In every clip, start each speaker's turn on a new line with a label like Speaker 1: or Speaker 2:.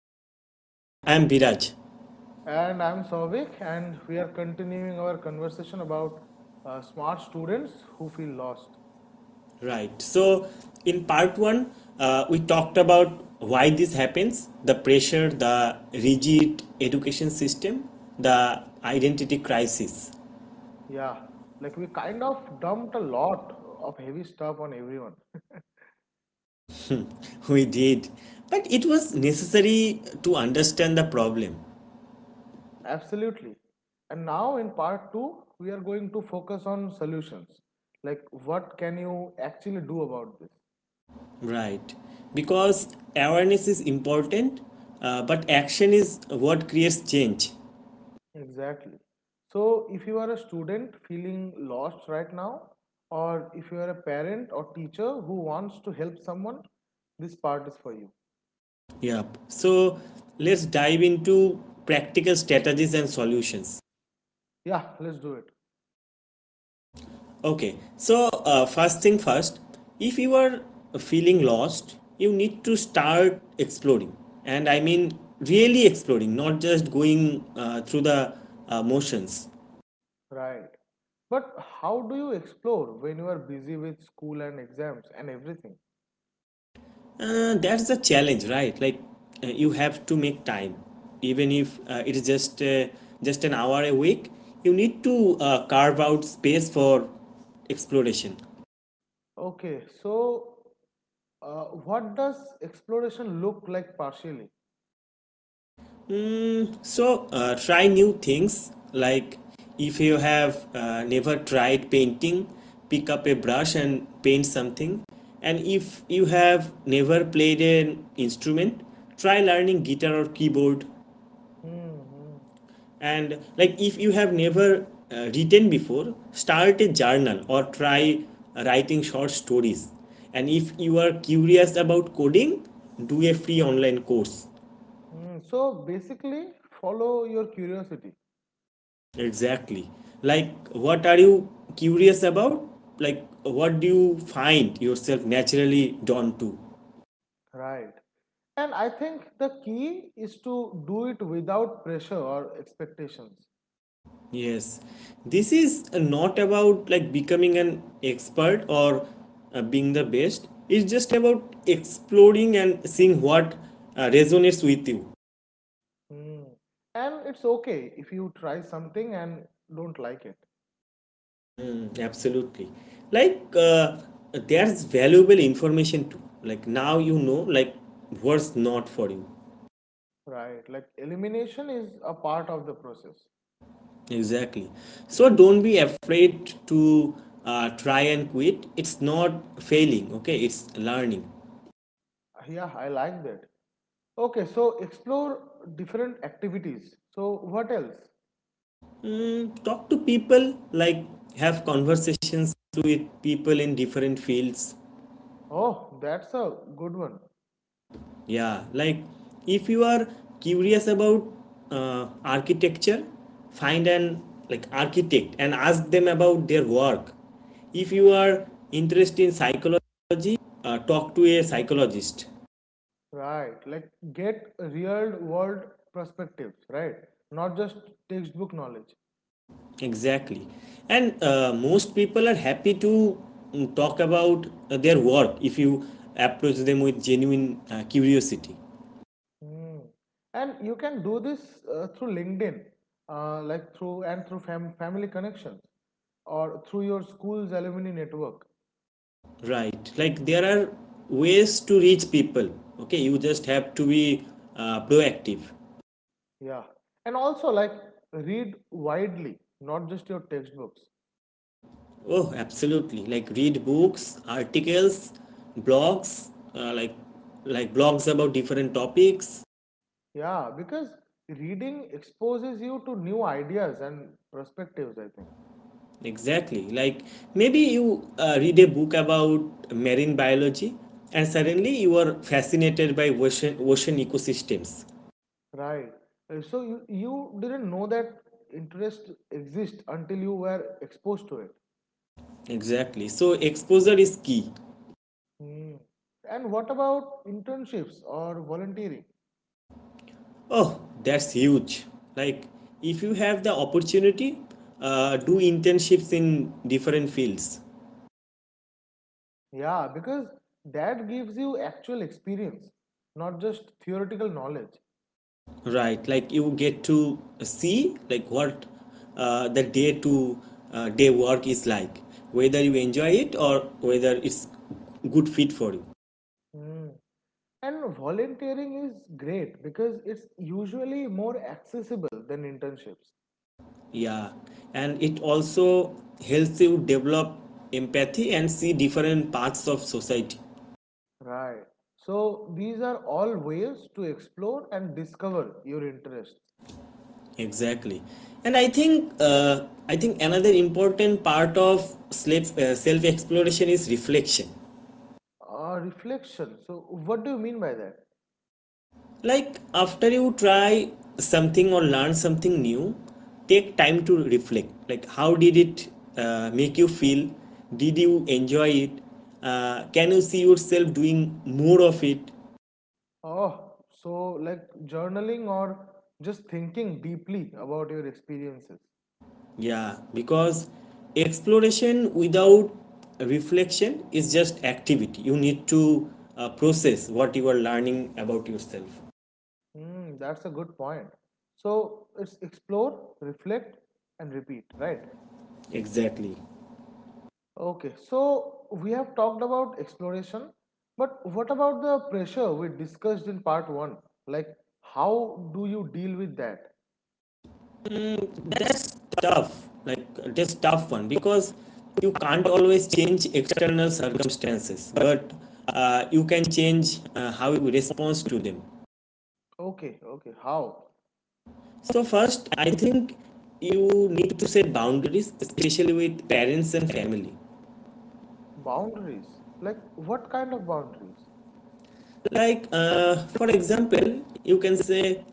Speaker 1: 2, and I am Biraj.
Speaker 2: And I'm Savik, and we are continuing our conversation about smart students who feel lost.
Speaker 1: Right, so in part 1, we talked about why this happens, the pressure, the rigid education system, the identity crisis.
Speaker 2: Yeah, like we kind of dumped a lot of heavy stuff on everyone.
Speaker 1: We did, but it was necessary to understand the problem.
Speaker 2: Absolutely. And now in part two, we are going to focus on solutions. Like, what can you actually do about this?
Speaker 1: Right, because awareness is important, but action is what creates change.
Speaker 2: Exactly. So, if you are a student feeling lost right now, or if you are a parent or teacher who wants to help someone, this part is for you.
Speaker 1: Yep. So let's dive into practical strategies and solutions.
Speaker 2: Yeah, let's do it.
Speaker 1: Okay. So, first thing first, if you are feeling lost, you need to start exploring. And I mean, really exploring, not just going through the motions.
Speaker 2: Right. But how do you explore when you are busy with school and exams and everything?
Speaker 1: That's the challenge, right? Like, you have to make time. Even if it is just an hour a week, you need to carve out space for exploration.
Speaker 2: Okay, so what does exploration look like partially?
Speaker 1: So try new things. Like, if you have never tried painting, pick up a brush and paint something. And if you have never played an instrument, try learning guitar or keyboard.
Speaker 2: Mm-hmm.
Speaker 1: And like if you have never written before, start a journal or try writing short stories. And if you are curious about coding, do a free online course.
Speaker 2: So basically, follow your curiosity.
Speaker 1: Exactly. Like, what are you curious about? Like, what do you find yourself naturally drawn to?
Speaker 2: Right. And I think the key is to do it without pressure or expectations.
Speaker 1: Yes. This is not about like becoming an expert or being the best. It's just about exploring and seeing what resonates with you.
Speaker 2: Mm. And it's okay if you try something and don't like it.
Speaker 1: Mm, absolutely. Like, there's valuable information too. Like, now you know, like, what's not for you.
Speaker 2: Right, like elimination is a part of the process.
Speaker 1: Exactly. So don't be afraid to try and quit. It's not failing, okay? It's learning.
Speaker 2: Yeah, I like that. Okay, so explore different activities. So, what else?
Speaker 1: Talk to people, like have conversations with people in different fields.
Speaker 2: Oh, that's a good one.
Speaker 1: Yeah, like if you are curious about architecture, find an like architect and ask them about their work. If you are interested in psychology, talk to a psychologist.
Speaker 2: Right, like get real world perspectives, right? Not just textbook knowledge.
Speaker 1: Exactly. And most people are happy to talk about their work if you approach them with genuine curiosity.
Speaker 2: Hmm. And you can do this through LinkedIn, through family connections or through your school's alumni network.
Speaker 1: Right. Like there are ways to reach people. Okay. You just have to be proactive.
Speaker 2: Yeah. And also, like, read widely, not just your textbooks.
Speaker 1: Oh, absolutely. Like, read books, articles, blogs, uh, like like blogs about different topics.
Speaker 2: Yeah, because reading exposes you to new ideas and perspectives, I think.
Speaker 1: Exactly. Like maybe you read a book about marine biology and suddenly you are fascinated by ocean ecosystems.
Speaker 2: Right. So you didn't know that interest exists until you were exposed to it.
Speaker 1: Exactly. So exposure is key.
Speaker 2: Hmm. And what about internships or volunteering?
Speaker 1: Oh, that's huge. Like if you have the opportunity, do internships in different fields.
Speaker 2: Yeah, because that gives you actual experience, not just theoretical knowledge.
Speaker 1: Right. Like you get to see like what the day to day work is like, whether you enjoy it or whether it's good fit for you.
Speaker 2: Hmm. And volunteering is great because it's usually more accessible than internships.
Speaker 1: Yeah, and it also helps you develop empathy and see different parts of society.
Speaker 2: Right. So these are all ways to explore and discover your interests.
Speaker 1: Exactly, and I think another important part of self exploration is reflection.
Speaker 2: Reflection. So what do you mean by that?
Speaker 1: Like after you try something or learn something new, take time to reflect. Like how did it make you feel? Did you enjoy it? Can you see yourself doing more of it?
Speaker 2: Oh, so like journaling or just thinking deeply about your experiences.
Speaker 1: Yeah, because exploration without reflection is just activity. You need to process what you are learning about yourself.
Speaker 2: Hmm, that's a good point. So it's explore, reflect, and repeat, right?
Speaker 1: Exactly.
Speaker 2: Okay, so we have talked about exploration, but what about the pressure we discussed in part one? Like, how do you deal with that?
Speaker 1: That's tough. Like that's tough one because you can't always change external circumstances, but you can change how you respond to them.
Speaker 2: Okay, okay, how?
Speaker 1: So first, I think you need to set boundaries, especially with parents and family.
Speaker 2: Boundaries. Like, what kind of boundaries?
Speaker 1: Like, for example, you can say,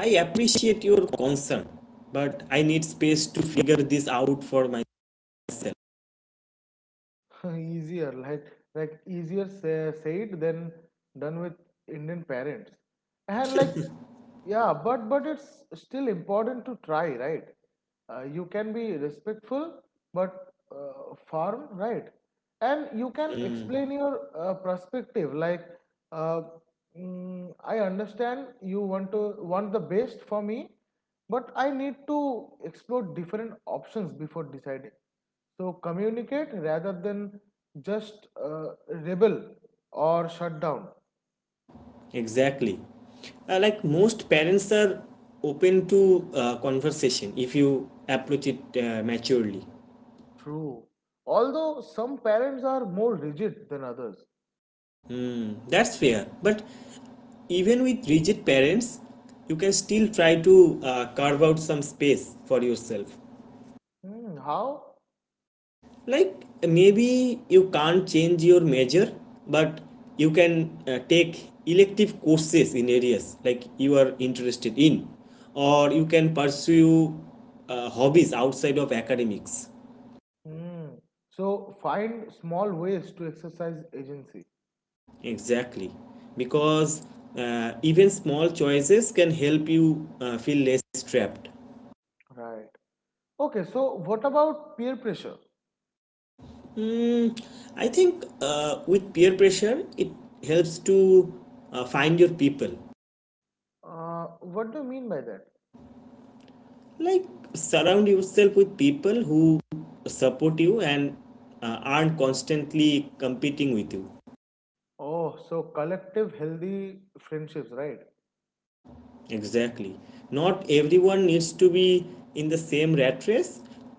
Speaker 1: I appreciate your concern, but I need space to figure this out for myself.
Speaker 2: easier like Easier say, said than done with Indian parents, and like, yeah, but it's still important to try, right? You can be respectful but firm, right? And you can explain your perspective, like, uh, I understand you want the best for me, but I need to explore different options before deciding. So communicate rather than just rebel or shut down.
Speaker 1: Exactly. Like, most parents are open to conversation if you approach it maturely.
Speaker 2: True, although some parents are more rigid than others.
Speaker 1: That's fair. But even with rigid parents, you can still try to carve out some space for yourself.
Speaker 2: Hmm, how?
Speaker 1: Like maybe you can't change your major, but you can take elective courses in areas like you are interested in, or you can pursue hobbies outside of academics.
Speaker 2: Hmm. So find small ways to exercise agency,
Speaker 1: Exactly, because even small choices can help you feel less trapped.
Speaker 2: right? Okay, so what about peer pressure?
Speaker 1: Hmm, I think with peer pressure, it helps to find your people.
Speaker 2: Uh, what do you mean by that?
Speaker 1: Like surround yourself with people who support you and aren't constantly competing with you.
Speaker 2: Oh, so collective healthy friendships, right?
Speaker 1: Exactly. Not everyone needs to be in the same rat race.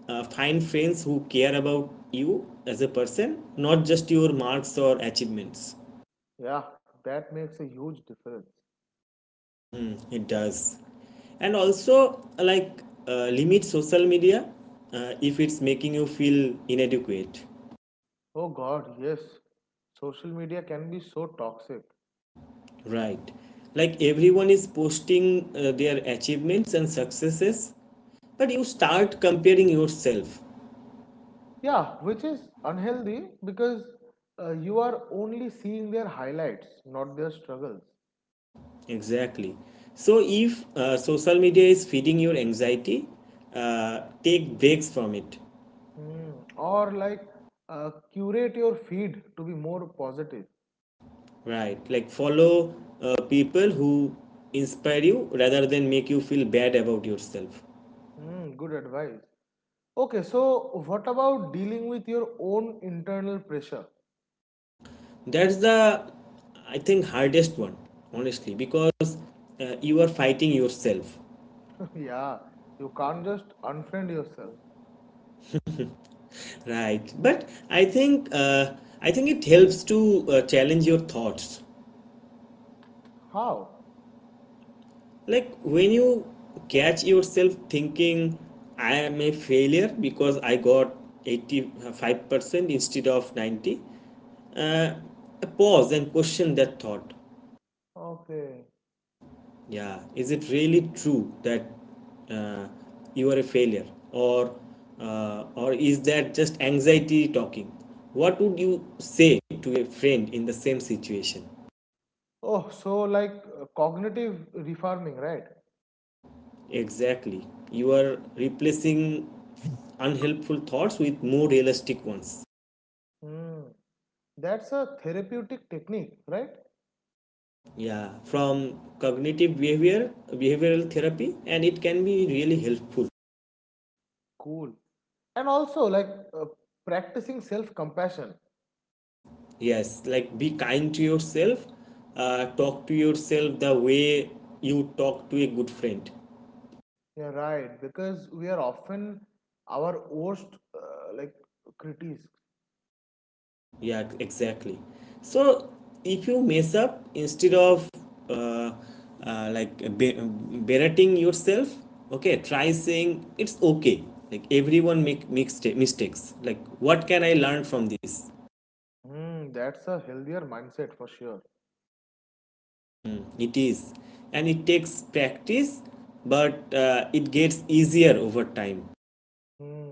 Speaker 1: Find friends who care about you as a person, not just your marks or achievements.
Speaker 2: Yeah, that makes a huge difference.
Speaker 1: It does. And also, like, limit social media if it's making you feel inadequate.
Speaker 2: Oh God, yes. Social media can be so toxic.
Speaker 1: Right. Like everyone is posting their achievements and successes, but you start comparing yourself.
Speaker 2: Yeah, which is unhealthy because you are only seeing their highlights, not their struggles.
Speaker 1: Exactly. So if social media is feeding your anxiety, take breaks from it.
Speaker 2: Hmm. Or like curate your feed to be more positive.
Speaker 1: Right. Like follow people who inspire you rather than make you feel bad about yourself.
Speaker 2: Hmm, good advice. Okay, so what about dealing with your own internal pressure?
Speaker 1: That's the, I think, hardest one honestly because you are fighting yourself.
Speaker 2: Yeah, you can't just unfriend yourself.
Speaker 1: Right, but I think it helps to challenge your thoughts.
Speaker 2: How?
Speaker 1: Like when you catch yourself thinking, "I am a failure because I got 85% instead of 90" uh, pause and question that thought.
Speaker 2: Okay.
Speaker 1: Yeah, is it really true that uh, you are a failure, or is that just anxiety talking? What would you say to a friend in the same situation?
Speaker 2: Oh, so like cognitive refarming, right?
Speaker 1: Exactly. You are replacing unhelpful thoughts with more realistic ones.
Speaker 2: Hmm. That's a therapeutic technique, right?
Speaker 1: Yeah, from cognitive behavioral therapy, and it can be really helpful.
Speaker 2: Cool. And also like uh, practicing self-compassion.
Speaker 1: Yes, like be kind to yourself. Talk to yourself the way you talk to a good friend.
Speaker 2: Yeah, right. Because we are often our worst uh, like critics.
Speaker 1: Yeah, exactly. So if you mess up, instead of uh, uh, like be- berating yourself, okay, try saying it's okay. Like everyone make mixed mistakes. Like what can I learn from this?
Speaker 2: Hmm. That's a healthier mindset for sure.
Speaker 1: Mm, it is. And it takes practice, but it gets easier over time.
Speaker 2: Hmm.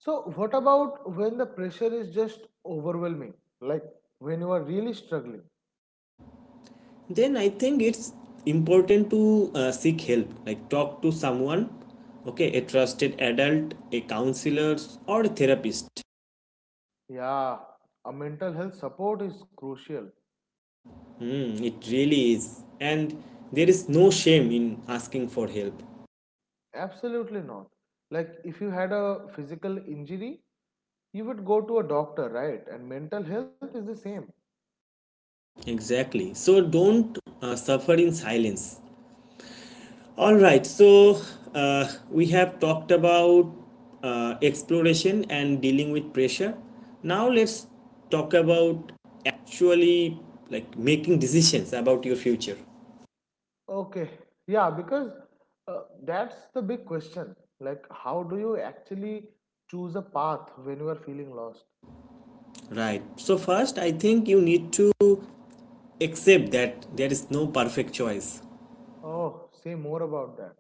Speaker 2: So, what about when the pressure is just overwhelming? Like when you are really struggling?
Speaker 1: Then I think it's important to seek help. Like talk to someone, okay, a trusted adult, a counselor, or a therapist.
Speaker 2: Yeah, a mental health support is crucial.
Speaker 1: Mm, it really is. And there is no shame in asking for help.
Speaker 2: Absolutely not. Like, if you had a physical injury, you would go to a doctor, right? And mental health is the same.
Speaker 1: Exactly. So don't suffer in silence. All right. So we have talked about exploration and dealing with pressure. Now let's talk about actually like making decisions about your future.
Speaker 2: Okay. Yeah, because that's the big question. Like, how do you actually choose a path when you are feeling lost?
Speaker 1: Right. So first, I think you need to accept that there is no perfect choice.
Speaker 2: Oh, say more about that.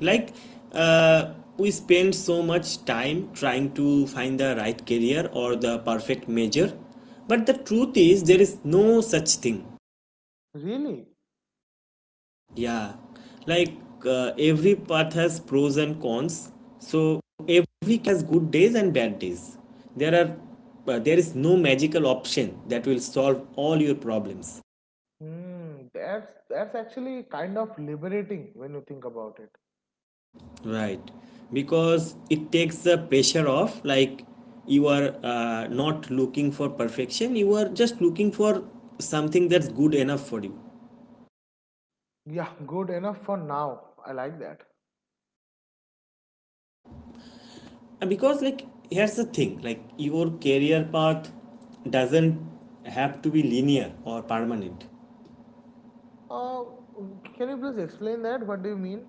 Speaker 1: Like, uh, we spend so much time trying to find the right career or the perfect major, but the truth is, there is no such thing.
Speaker 2: Really?
Speaker 1: Yeah, like every path has pros and cons, so every has good days and bad days. There are there is no magical option that will solve all your problems.
Speaker 2: Hmm, that's actually kind of liberating when you think about it.
Speaker 1: Right. Because it takes the pressure off. Like you are not looking for perfection, you are just looking for something that's good enough for you.
Speaker 2: Yeah, good enough for now. I like that.
Speaker 1: And because, like, here's the thing, like, your career path doesn't have to be linear or permanent.
Speaker 2: Uh, can you please explain that? What do you mean?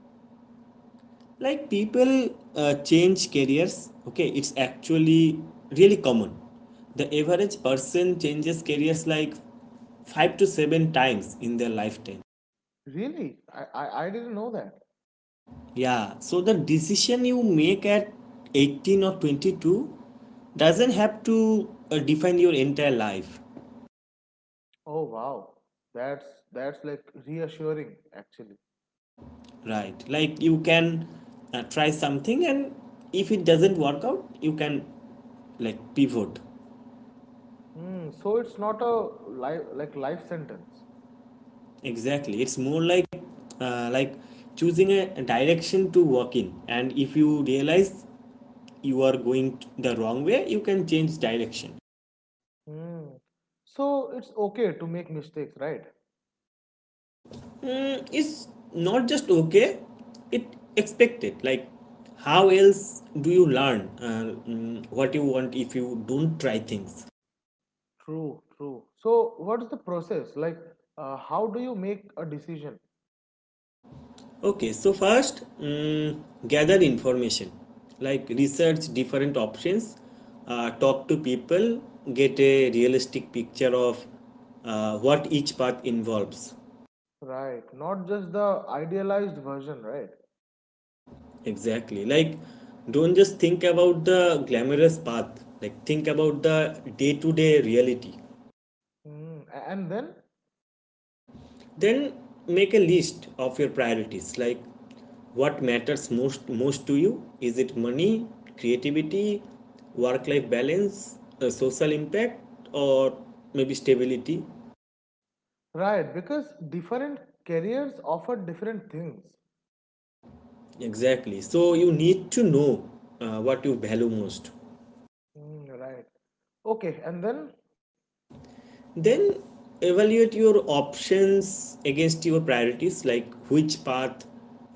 Speaker 1: Like, people change careers, okay, it's actually really common. The average person changes careers like 5 to 7 times in their lifetime.
Speaker 2: Really? I didn't know that.
Speaker 1: Yeah, so the decision you make at 18 or 22 doesn't have to define your entire life,
Speaker 2: Oh wow. That's that's like reassuring actually.
Speaker 1: right? Like you can try something, and if it doesn't work out, you can like pivot.
Speaker 2: Hmm. So it's not a life like life sentence.
Speaker 1: Exactly. It's more like uh, like choosing a direction to walk in, and if you realize you are going the wrong way, you can change direction.
Speaker 2: Hmm. So it's okay to make mistakes, right?
Speaker 1: Mm, is not just okay, it expected. Like how else do you learn what you want if you don't try things?
Speaker 2: True. True. So what is the process? Like how do you make a decision?
Speaker 1: Okay, so first, gather information. Like research different options, talk to people, get a realistic picture of what each path involves.
Speaker 2: Right, not just the idealized version, right?
Speaker 1: Exactly. Like don't just think about the glamorous path, like think about the day-to-day reality.
Speaker 2: Hmm. A- And then
Speaker 1: Then make a list of your priorities, like what matters most to you. Is it money, creativity, work life balance, social impact, or maybe stability?
Speaker 2: right, because different careers offer different things.
Speaker 1: Exactly, so you need to know what you value most.
Speaker 2: Hmm. Right. Okay, and then
Speaker 1: Then evaluate your options against your priorities, like which path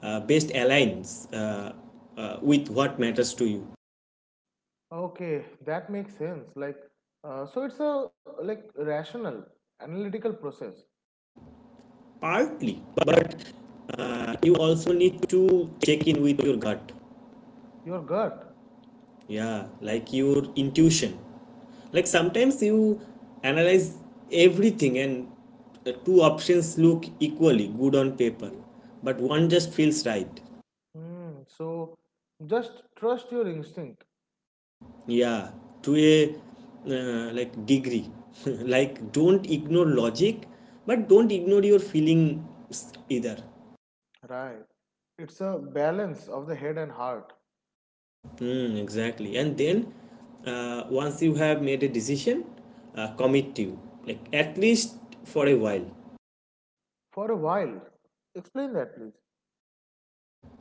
Speaker 1: best aligns with what matters to you.
Speaker 2: okay, that makes sense. Like, so it's a like rational, analytical process.
Speaker 1: Partly, but you also need to check in with your gut.
Speaker 2: Your gut.
Speaker 1: Yeah, like your intuition. Like sometimes you analyze everything and the two options look equally good on paper, but one just feels right.
Speaker 2: Mm, so just trust your instinct.
Speaker 1: Yeah, to a, like, degree. Like don't ignore logic, but don't ignore your feelings either.
Speaker 2: Right. It's a balance of the head and heart
Speaker 1: Mm, exactly. And then once you have made a decision, commit to, like, at least for a while.
Speaker 2: for a while. Explain that, please.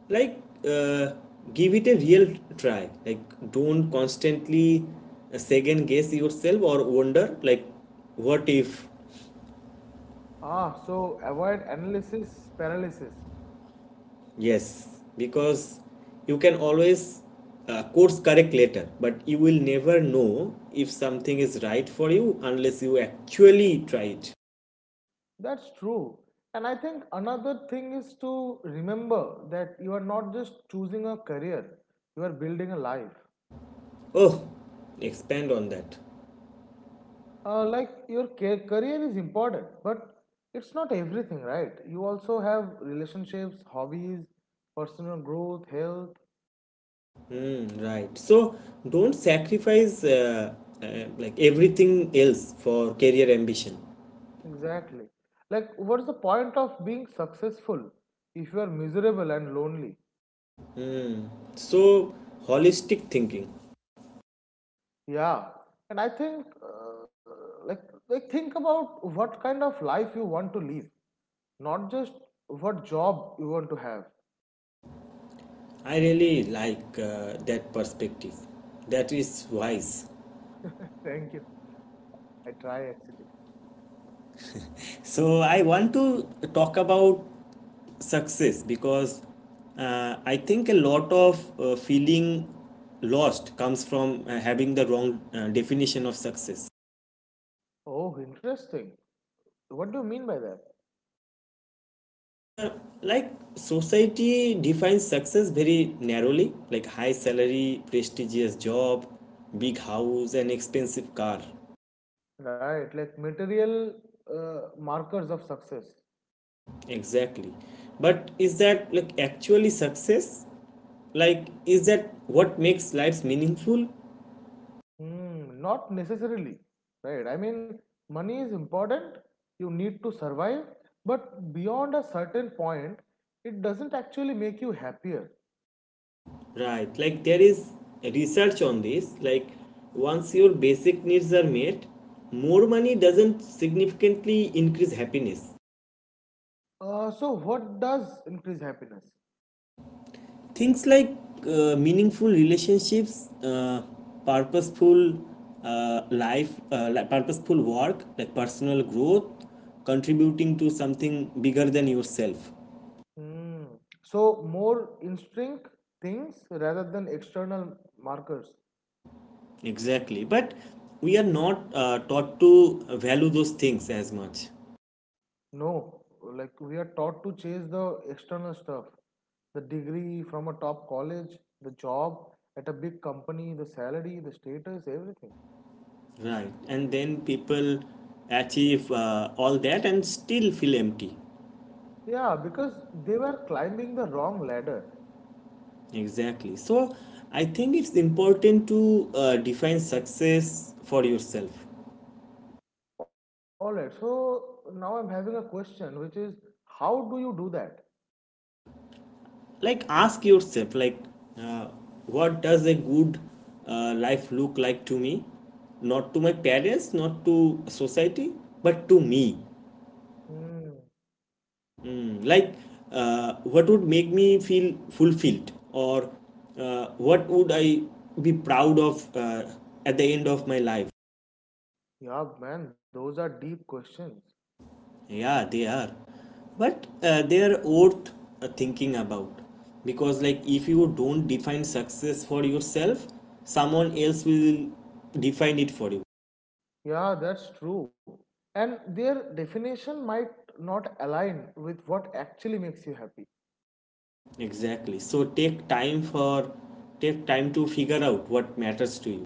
Speaker 1: Like uh, give it a real try. Like don't constantly second guess yourself or wonder like what if.
Speaker 2: Ah, so avoid analysis paralysis.
Speaker 1: Yes, because you can always course correct later, but you will never know if something is right for you unless you actually try it.
Speaker 2: That's true. And I think another thing is to remember that you are not just choosing a career, you are building a life.
Speaker 1: Oh, expand on that.
Speaker 2: Like your career is important, but it's not everything, right? You also have relationships, hobbies, personal growth, health.
Speaker 1: Mm, right. So don't sacrifice everything else for career ambition.
Speaker 2: Exactly, like what's the point of being successful if you are miserable and lonely?
Speaker 1: Mm. So holistic thinking.
Speaker 2: Yeah, and I think uh, like think about what kind of life you want to live, not just what job you want to have.
Speaker 1: I really like that perspective. That is wise.
Speaker 2: Thank you, I try actually.
Speaker 1: So I want to talk about success because I think a lot of feeling lost comes from having the wrong definition of success.
Speaker 2: Oh interesting, what do you mean by that?
Speaker 1: Like society defines success very narrowly, like high salary, prestigious job, big house, and expensive car.
Speaker 2: Right, like material markers of success.
Speaker 1: Exactly. But is that like actually success? Like is that what makes lives meaningful?
Speaker 2: Hmm, not necessarily, right? I mean, money is important, you need to survive, but beyond a certain point, it doesn't actually make you happier.
Speaker 1: Right. Like there is research on this. Like once your basic needs are met, more money doesn't significantly increase happiness
Speaker 2: So, what does increase happiness?
Speaker 1: things like meaningful relationships, purposeful life, like purposeful work, like personal growth, contributing to something bigger than yourself.
Speaker 2: Hmm. So, more instinct things rather than external markers.
Speaker 1: Exactly, but we are not taught to value those things as much.
Speaker 2: No, like we are taught to chase the external stuff, the degree from a top college, the job at a big company, the salary, the status, everything.
Speaker 1: Right, and then people achieve all that and still feel empty.
Speaker 2: Yeah, because they were climbing the wrong ladder.
Speaker 1: Exactly, so I think it's important to define success for yourself.
Speaker 2: All right, so now I'm having a question, which is how do you do that?
Speaker 1: Like ask yourself, like, uh, what does a good life look like to me? Not to my parents, not to society, but to me.
Speaker 2: Hmm.
Speaker 1: Mm, like what would make me feel fulfilled, or what would I be proud of at the end of my life?
Speaker 2: Yeah, man, those are deep questions.
Speaker 1: Yeah, they are. But they are worth thinking about. Because, like, if you don't define success for yourself, someone else will define it for you.
Speaker 2: Yeah, that's true. And their definition might not align with what actually makes you happy.
Speaker 1: Exactly. So take time for, take time to figure out what matters to you.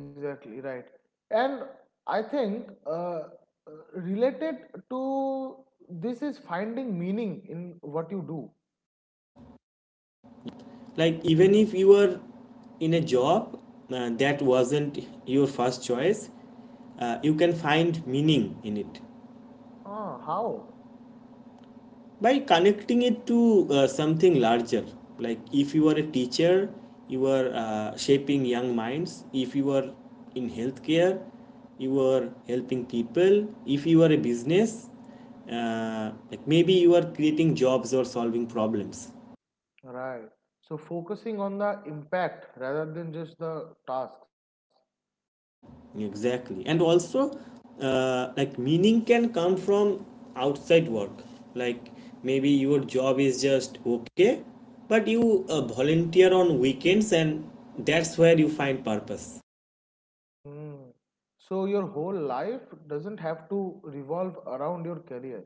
Speaker 2: Exactly right. And I think related to this is finding meaning in what you do.
Speaker 1: Like even if you are in a job that wasn't your first choice, you can find meaning in it.
Speaker 2: Ah, how?
Speaker 1: By connecting it to something larger. Like if you are a teacher, you are shaping young minds. If you are in healthcare, you are helping people. If you are a business, like maybe you are creating jobs or solving problems.
Speaker 2: Right. So focusing on the impact rather than just the tasks.
Speaker 1: Exactly, and also like meaning can come from outside work. Like maybe your job is just okay, but you volunteer on weekends and that's where you find purpose.
Speaker 2: Hmm. So your whole life doesn't have to revolve around your career.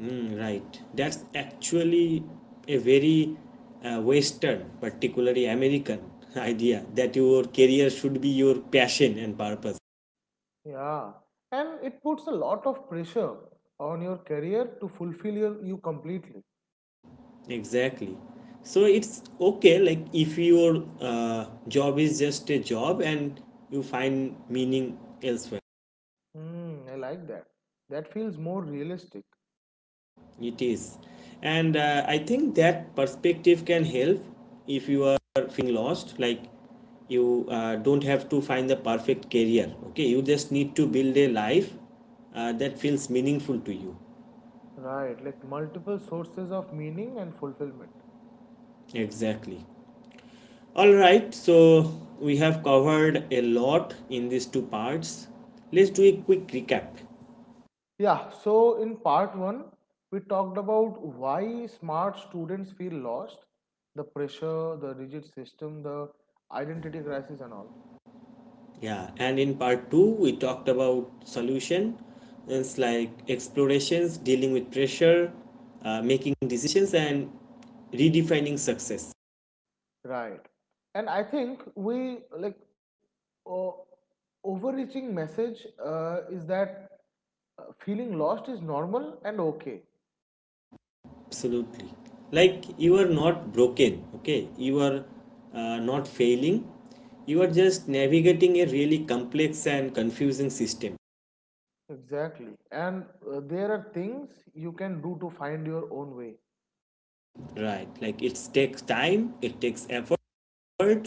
Speaker 1: Mm, right, that's actually a very western, particularly american idea that your career should be your passion and purpose.
Speaker 2: Yeah. And it puts a lot of pressure on your career to fulfill you completely.
Speaker 1: Exactly. So it's okay, like if your job is just a job and you find meaning elsewhere.
Speaker 2: Hmm. I like that. That feels more realistic.
Speaker 1: It is. And I think that perspective can help if you are feeling lost, like you don't have to find the perfect career. Okay, you just need to build a life that feels meaningful to you.
Speaker 2: Right, like multiple sources of meaning and fulfillment.
Speaker 1: Exactly. All right, so we have covered a lot in these two parts. Let's do a quick recap.
Speaker 2: Yeah, so in part one, we talked about why smart students feel lost, the pressure, the rigid system, the identity crisis, and all.
Speaker 1: Yeah, and in part two, we talked about solution. It's like explorations, dealing with pressure, making decisions, and redefining success.
Speaker 2: Right, and I think we like uh, overreaching message is that feeling lost is normal and okay.
Speaker 1: Absolutely. Like you are not broken, okay? You are not failing. You are just navigating a really complex and confusing system,
Speaker 2: Exactly, and there are things you can do to find your own way.
Speaker 1: right? Like it takes time, it takes effort,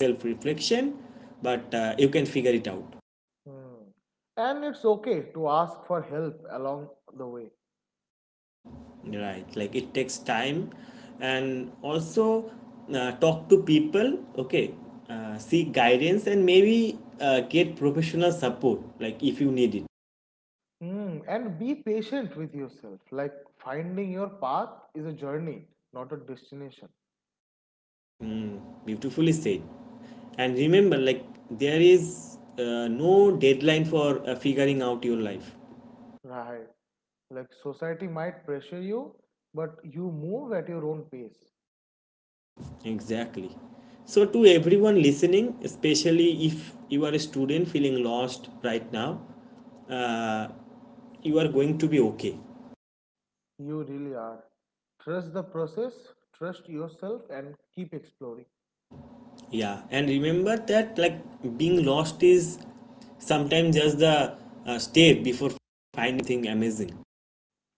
Speaker 1: self reflection, but you can figure it out.
Speaker 2: Hmm. And it's okay to ask for help along the way.
Speaker 1: Right, like it takes time, and also talk to people, okay, seek guidance and maybe get professional support, like if you need it.
Speaker 2: Hmm. And be patient with yourself. Like finding your path is a journey, not a destination.
Speaker 1: Beautifully said. And remember, like, there is no deadline for figuring out your life.
Speaker 2: Right. Like society might pressure you, but you move at your own pace.
Speaker 1: Exactly. So, to everyone listening, especially if you are a student feeling lost right now, uh, you are going to be okay.
Speaker 2: You really are. Trust the process, trust yourself, and keep exploring.
Speaker 1: Yeah, and remember that like being lost is sometimes just the step before finding thing amazing.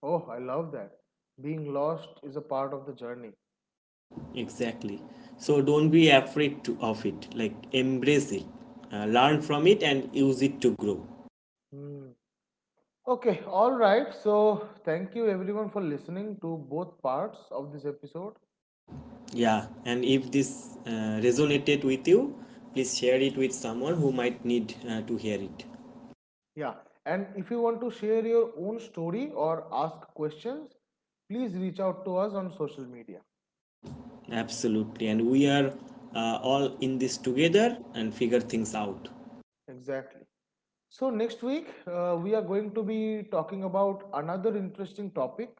Speaker 2: Oh, I love that. Being lost is a part of the journey.
Speaker 1: Exactly. So don't be afraid to, of it. Like embrace it, learn from it, and use it to grow.
Speaker 2: Hmm. Okay, all right. So, thank you everyone for listening to both parts of this episode.
Speaker 1: Yeah, and if this resonated with you, please share it with someone who might need to hear it.
Speaker 2: Yeah, and if you want to share your own story or ask questions, please reach out to us on social media.
Speaker 1: Absolutely, and we are all in this together and figure things out.
Speaker 2: Exactly. So, next week, we are going to be talking about another interesting topic,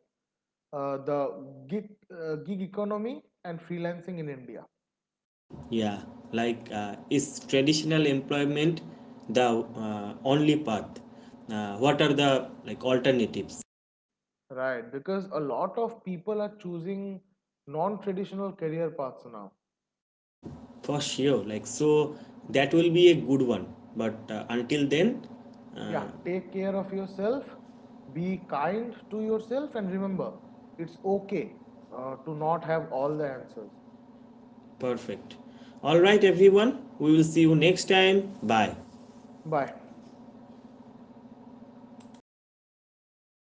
Speaker 2: the gig economy and freelancing in India.
Speaker 1: Yeah, like is traditional employment the only path? What are the like alternatives?
Speaker 2: Right, because a lot of people are choosing non traditional career paths now.
Speaker 1: For sure, like so that will be a good one. But
Speaker 2: Yeah,
Speaker 1: uh,
Speaker 2: take care of yourself, be kind to yourself and remember it's okay to not have all the answers.
Speaker 1: perfect. All right, everyone. We will see you next time. Bye.
Speaker 2: Bye.